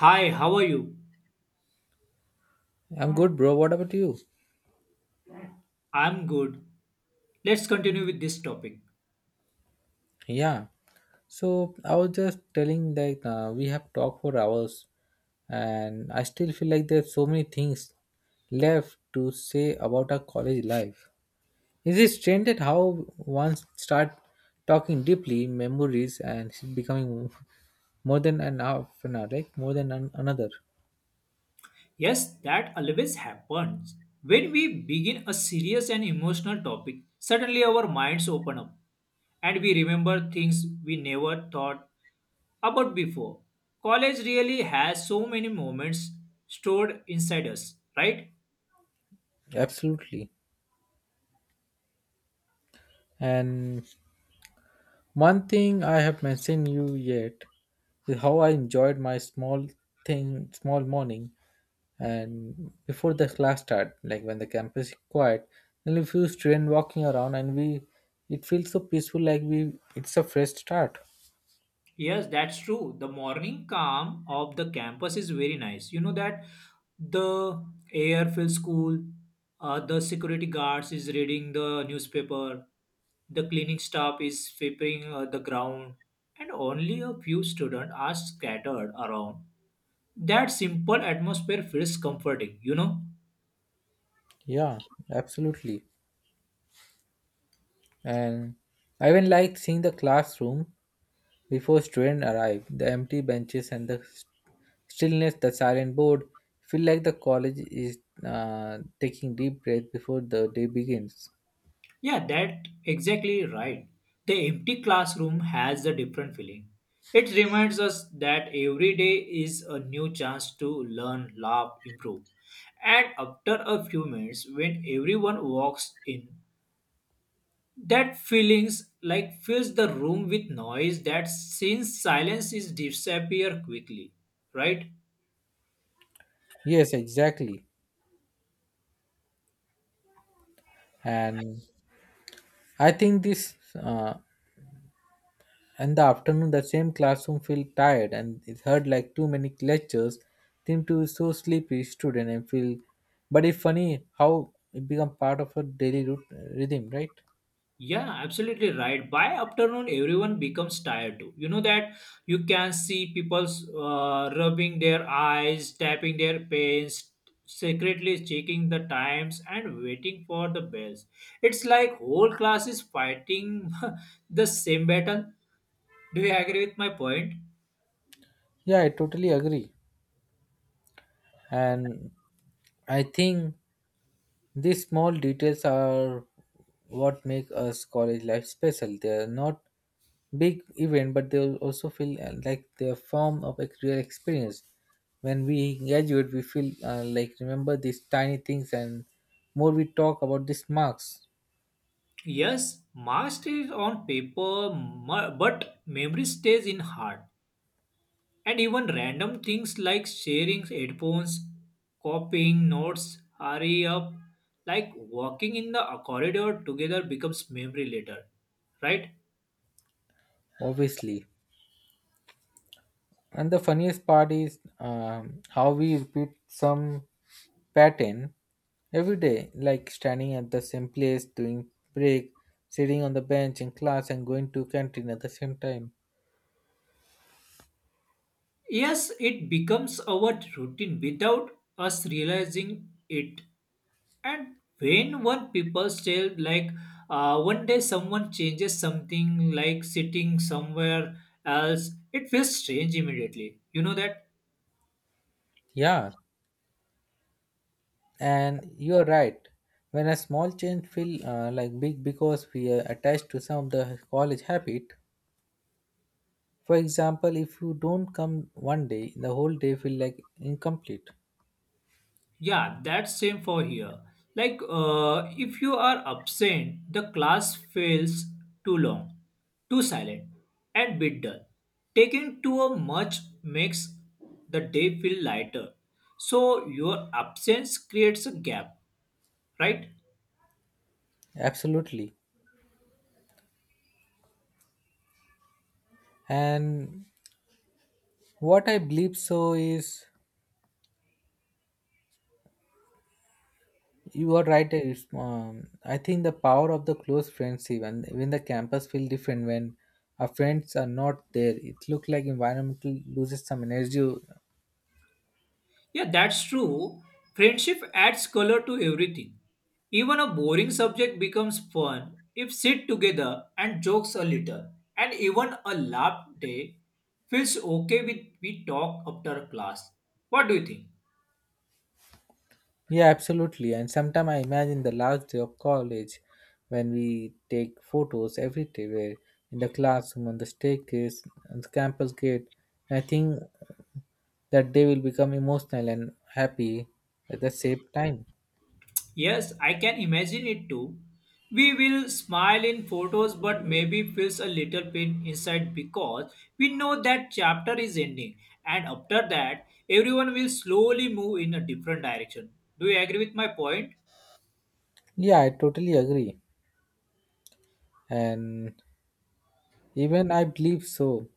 Hi, how are you? I'm good, bro. What about you? I'm good. Let's continue with this topic. Yeah. So I was just telling we have talked for hours, and I still feel like there's so many things left to say about our college life. Is it strange that how once start talking deeply memories and it's becoming more than an half an hour, like more than an, another? Yes, that always happens. When we begin a serious and emotional topic, suddenly our minds open up and we remember things we never thought about before. College really has so many moments stored inside us, right? Absolutely. And one thing I have mentioned you yet is how I enjoyed my small thing, small morning and before the class start like when the campus is quiet there'll be few students walking around and we it feels so peaceful like we it's a fresh start. Yes, that's true. The morning calm of the campus is very nice. You know that the air feels cool. The security guards is reading the newspaper. The cleaning staff is sweeping the ground, and only a few students are scattered around. That simple atmosphere feels comforting. You know. Yeah, absolutely. And I even like seeing the classroom before students arrive, the empty benches and the stillness, the silent board feel like the college is taking deep breath before the day begins. Yeah, that exactly right. The empty classroom has a different feeling. It reminds us that every day is a new chance to learn, laugh, improve. And after a few minutes, when everyone walks in, that feelings like fills the room with noise that since silence is disappear quickly, right? Yes, exactly. And I think this uh, and the afternoon, the same classroom felt tired and it heard like too many lectures. Tim to is so sleepy student and feel. But it's funny how it become part of her rhythm, right? Yeah, absolutely right. By afternoon, everyone becomes tired too. You know that you can see people's rubbing their eyes, tapping their pens, secretly checking the times, and waiting for the bells. It's like whole class is fighting the same battle. Do you agree with my point? Yeah, I totally agree. And I think these small details are what make us college life special. They are not big event, but they will also feel like their form of a real experience. When we graduate, we feel like remember these tiny things, and more we talk about these marks, Yes, master is on paper, but memory stays in heart. And even random things like sharing headphones, copying notes, hurry up, like walking in the corridor together becomes memory later, right? obviously. And the funniest part is how we repeat some pattern every day, like standing at the same place, doing break, sitting on the bench in class, and going to canteen at the same time. Yes, it becomes our routine without us realizing it. And when one people say like one day someone changes something like sitting somewhere else, it feels strange immediately. You know that? Yeah, and you're right. When a small change feel like big because we are attached to some of the college habit. For example, if you don't come one day, the whole day feel like incomplete. Yeah, that's same for here. If you are absent, the class feels too long, too silent, and bit dull. Taking to a much makes the day feel lighter. So your absence creates a gap, right? Absolutely. And what I believe so is you are right. I think the power of the close friends, even the campus feel different when our friends are not there. It look like environmental loses some energy. Yeah, that's true. Friendship adds color to everything. Even a boring subject becomes fun if sit together and jokes a little. And even a laugh day feels okay with we talk after class. What do you think? Yeah, absolutely. And sometimes I imagine the last day of college when we take photos every day where in the classroom, on the staircase, on the campus gate. And I think that day will become emotional and happy at the same time. Yes, I can imagine it too. We will smile in photos but maybe feels a little pain inside because we know that chapter is ending and after that everyone will slowly move in a different direction. Do you agree with my point? Yeah, I totally agree. And even I believe so,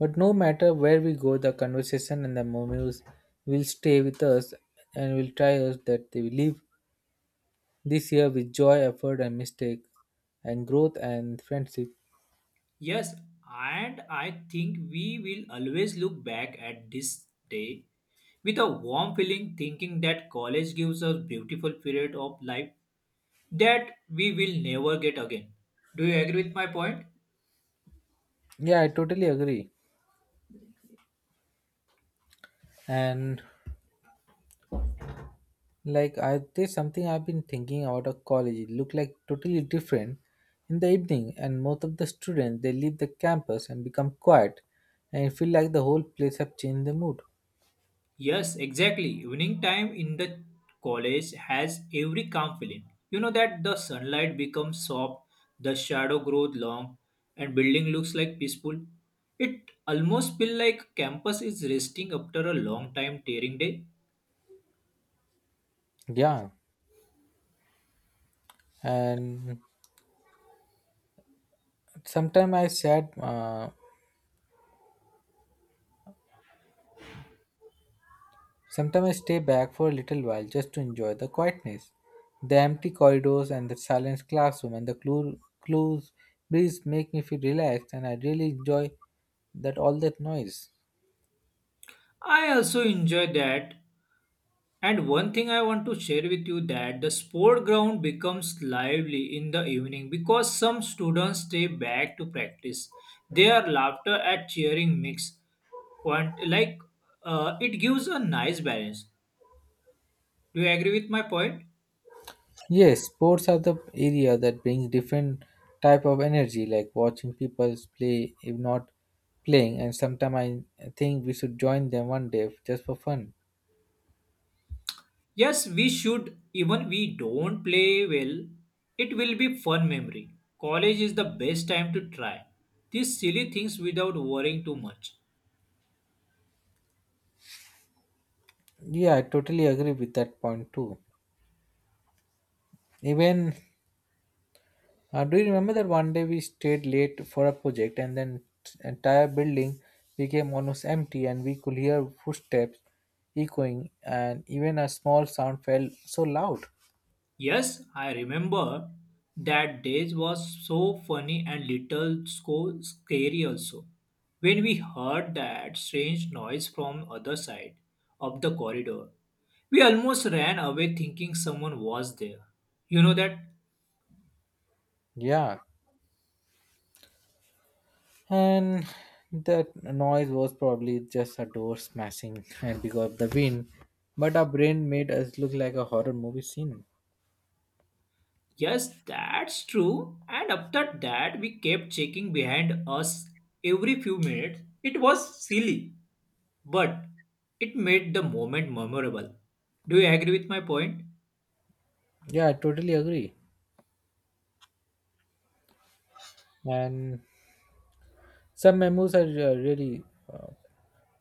but no matter where we go, the conversation and the memories will stay with us and will try us that they will live this year with joy, effort, and mistake, and growth and friendship. Yes, and I think we will always look back at this day with a warm feeling thinking that college gives us beautiful period of life that we will never get again. Do you agree with my point? Yeah, I totally agree. And like, I there's something I've been thinking about a college. It looked like totally different in the evening, and most of the students they leave the campus and become quiet, and it feel like the whole place have changed the mood. Yes, exactly. Evening time in the college has every calm feeling. You know that the sunlight becomes soft, the shadow grows long, and building looks like peaceful. It almost feel like campus is resting after a long time tearing day. Yeah, and sometime I sat uh, sometimes I stay back for a little while just to enjoy the quietness, the empty corridors and the silent classroom and the clues breeze make me feel relaxed and I really enjoy that all that noise. I also enjoy that. And one thing I want to share with you that the sport ground becomes lively in the evening because some students stay back to practice. Their laughter at cheering mix, quant- like it gives a nice balance. Do you agree with my point? Yes, sports are the area that brings different type of energy like watching people play if not playing and sometimes I think we should join them one day just for fun. Yes, we should. Even we don't play well, it will be fun memory. College is the best time to try these silly things without worrying too much. Yeah, I totally agree with that point too. Even do you remember that one day we stayed late for a project and then entire building became almost empty and we could hear footsteps echoing and even a small sound felt so loud. Yes, I remember that days was so funny and little so scary also. When we heard that strange noise from other side of the corridor, we almost ran away thinking someone was there. You know that? Yeah. And that noise was probably just a door smashing and because of the wind, but our brain made us look like a horror movie scene. Yes, that's true. And after that, we kept checking behind us every few minutes. It was silly, but it made the moment memorable. Do you agree with my point? Yeah, I totally agree. And some memos are really uh,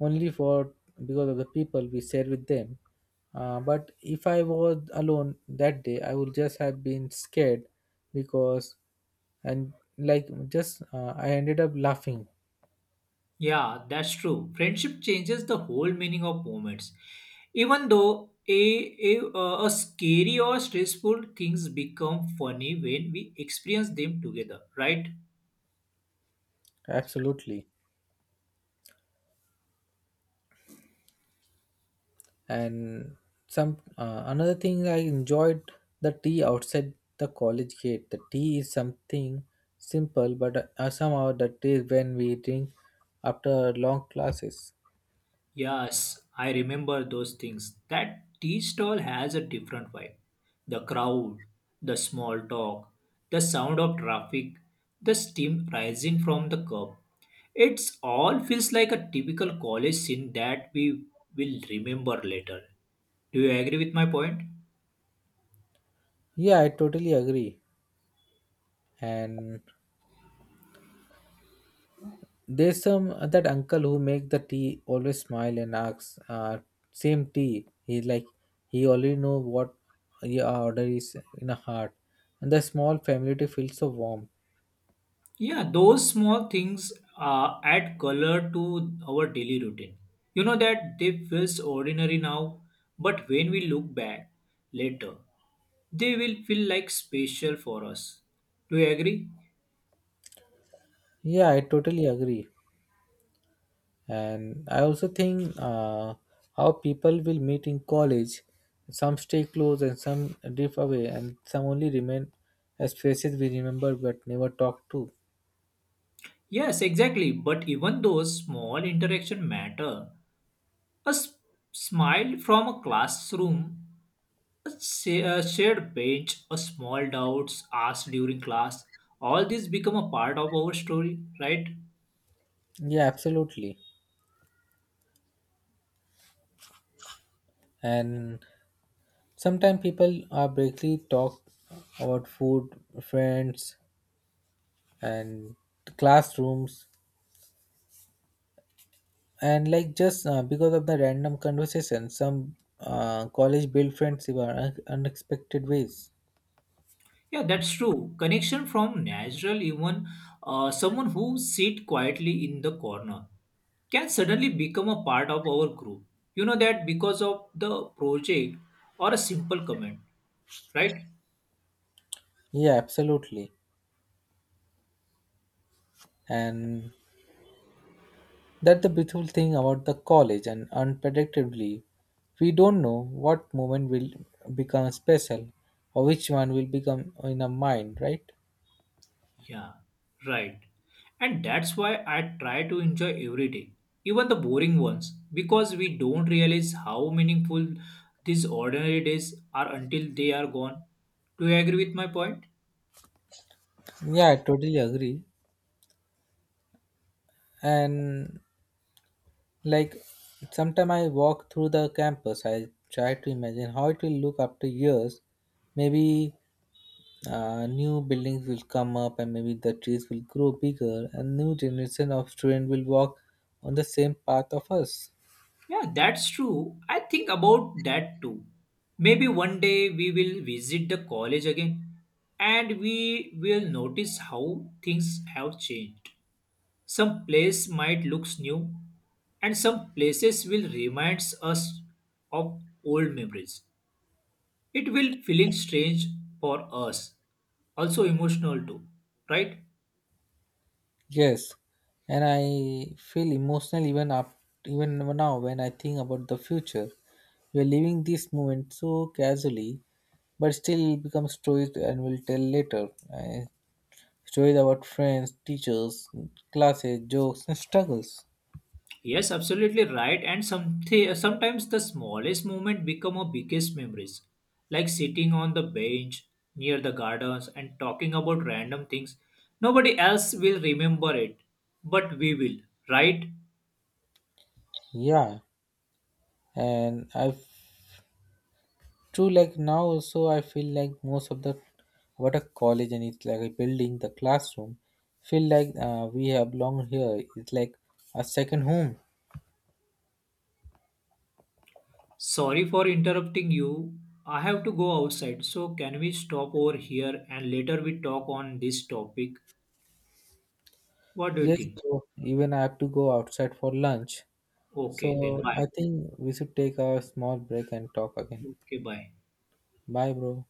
only for because of the people we share with them. But if I was alone that day, I would just have been scared because and like just I ended up laughing. Yeah, that's true. Friendship changes the whole meaning of moments. Even though a scary or stressful things become funny when we experience them together, right? Absolutely. And some another thing I enjoyed, the tea outside the college gate. The tea is something simple, but somehow the taste when we drink after long classes. Yes, I remember those things. That tea stall has a different vibe. The crowd, the small talk, the sound of traffic, the steam rising from the cup. It's all feels like a typical college scene that we will remember later. Do you agree with my point? Yeah, I totally agree. And there's some that uncle who make the tea always smile and asks, same tea. He like he already know what your order is in a heart, and the small family tea feels so warm. Yeah, those small things add color to our daily routine. You know that they feel ordinary now, but when we look back later, they will feel like special for us. Do you agree? Yeah, I totally agree. And I also think how people will meet in college. Some stay close and some drift away, and some only remain as faces we remember but never talk to. Yes, exactly. But even those small interaction matter. A s- smile from a classroom, a shared bench, a small doubts asked during class, all these become a part of our story, right? Yeah, absolutely. And sometimes people are briefly talk about food, friends, and classrooms, and like just because of the random conversation, some college build friends in unexpected ways. Yeah, that's true. Connection from natural, even someone who sit quietly in the corner can suddenly become a part of our group. You know that because of the project or a simple comment, right? Yeah, absolutely, and that's the beautiful thing about the college. And unpredictably, we don't know what moment will become special, or which one will become in our mind, right? Yeah, right. And that's why I try to enjoy every day, even the boring ones, because we don't realize how meaningful these ordinary days are until they are gone. Do you agree with my point? Yeah, I totally agree, and like sometime I walk through the campus, I try to imagine how it will look after years. Maybe new buildings will come up, and maybe the trees will grow bigger, and new generation of students will walk on the same path of us. Yeah, that's true. I think about that too. Maybe one day we will visit the college again and we will notice how things have changed. Some place might looks new and some places will reminds us of old memories. It will feeling strange for us, also emotional too, right? Yes, and I feel emotional even now when I think about the future. We are living this moment so casually, but still it becomes stories and we'll tell later. I stories about friends, teachers, classes, jokes, and struggles. Yes, absolutely right. And some Sometimes the smallest moment become our biggest memories, like sitting on the bench near the gardens and talking about random things. Nobody else will remember it, but we will, right? Yeah, and I too like now also I feel like most of the what a college and it's like a building the classroom feel like we have belong here. It's like a second home. Sorry for interrupting you. I have to go outside, so can we stop over here and later we talk on this topic? What do you Yes, think? bro. Even I have to go outside for lunch. Okay, then So bye. I think we should take a small break and talk again. Okay, bye. Bye, bro.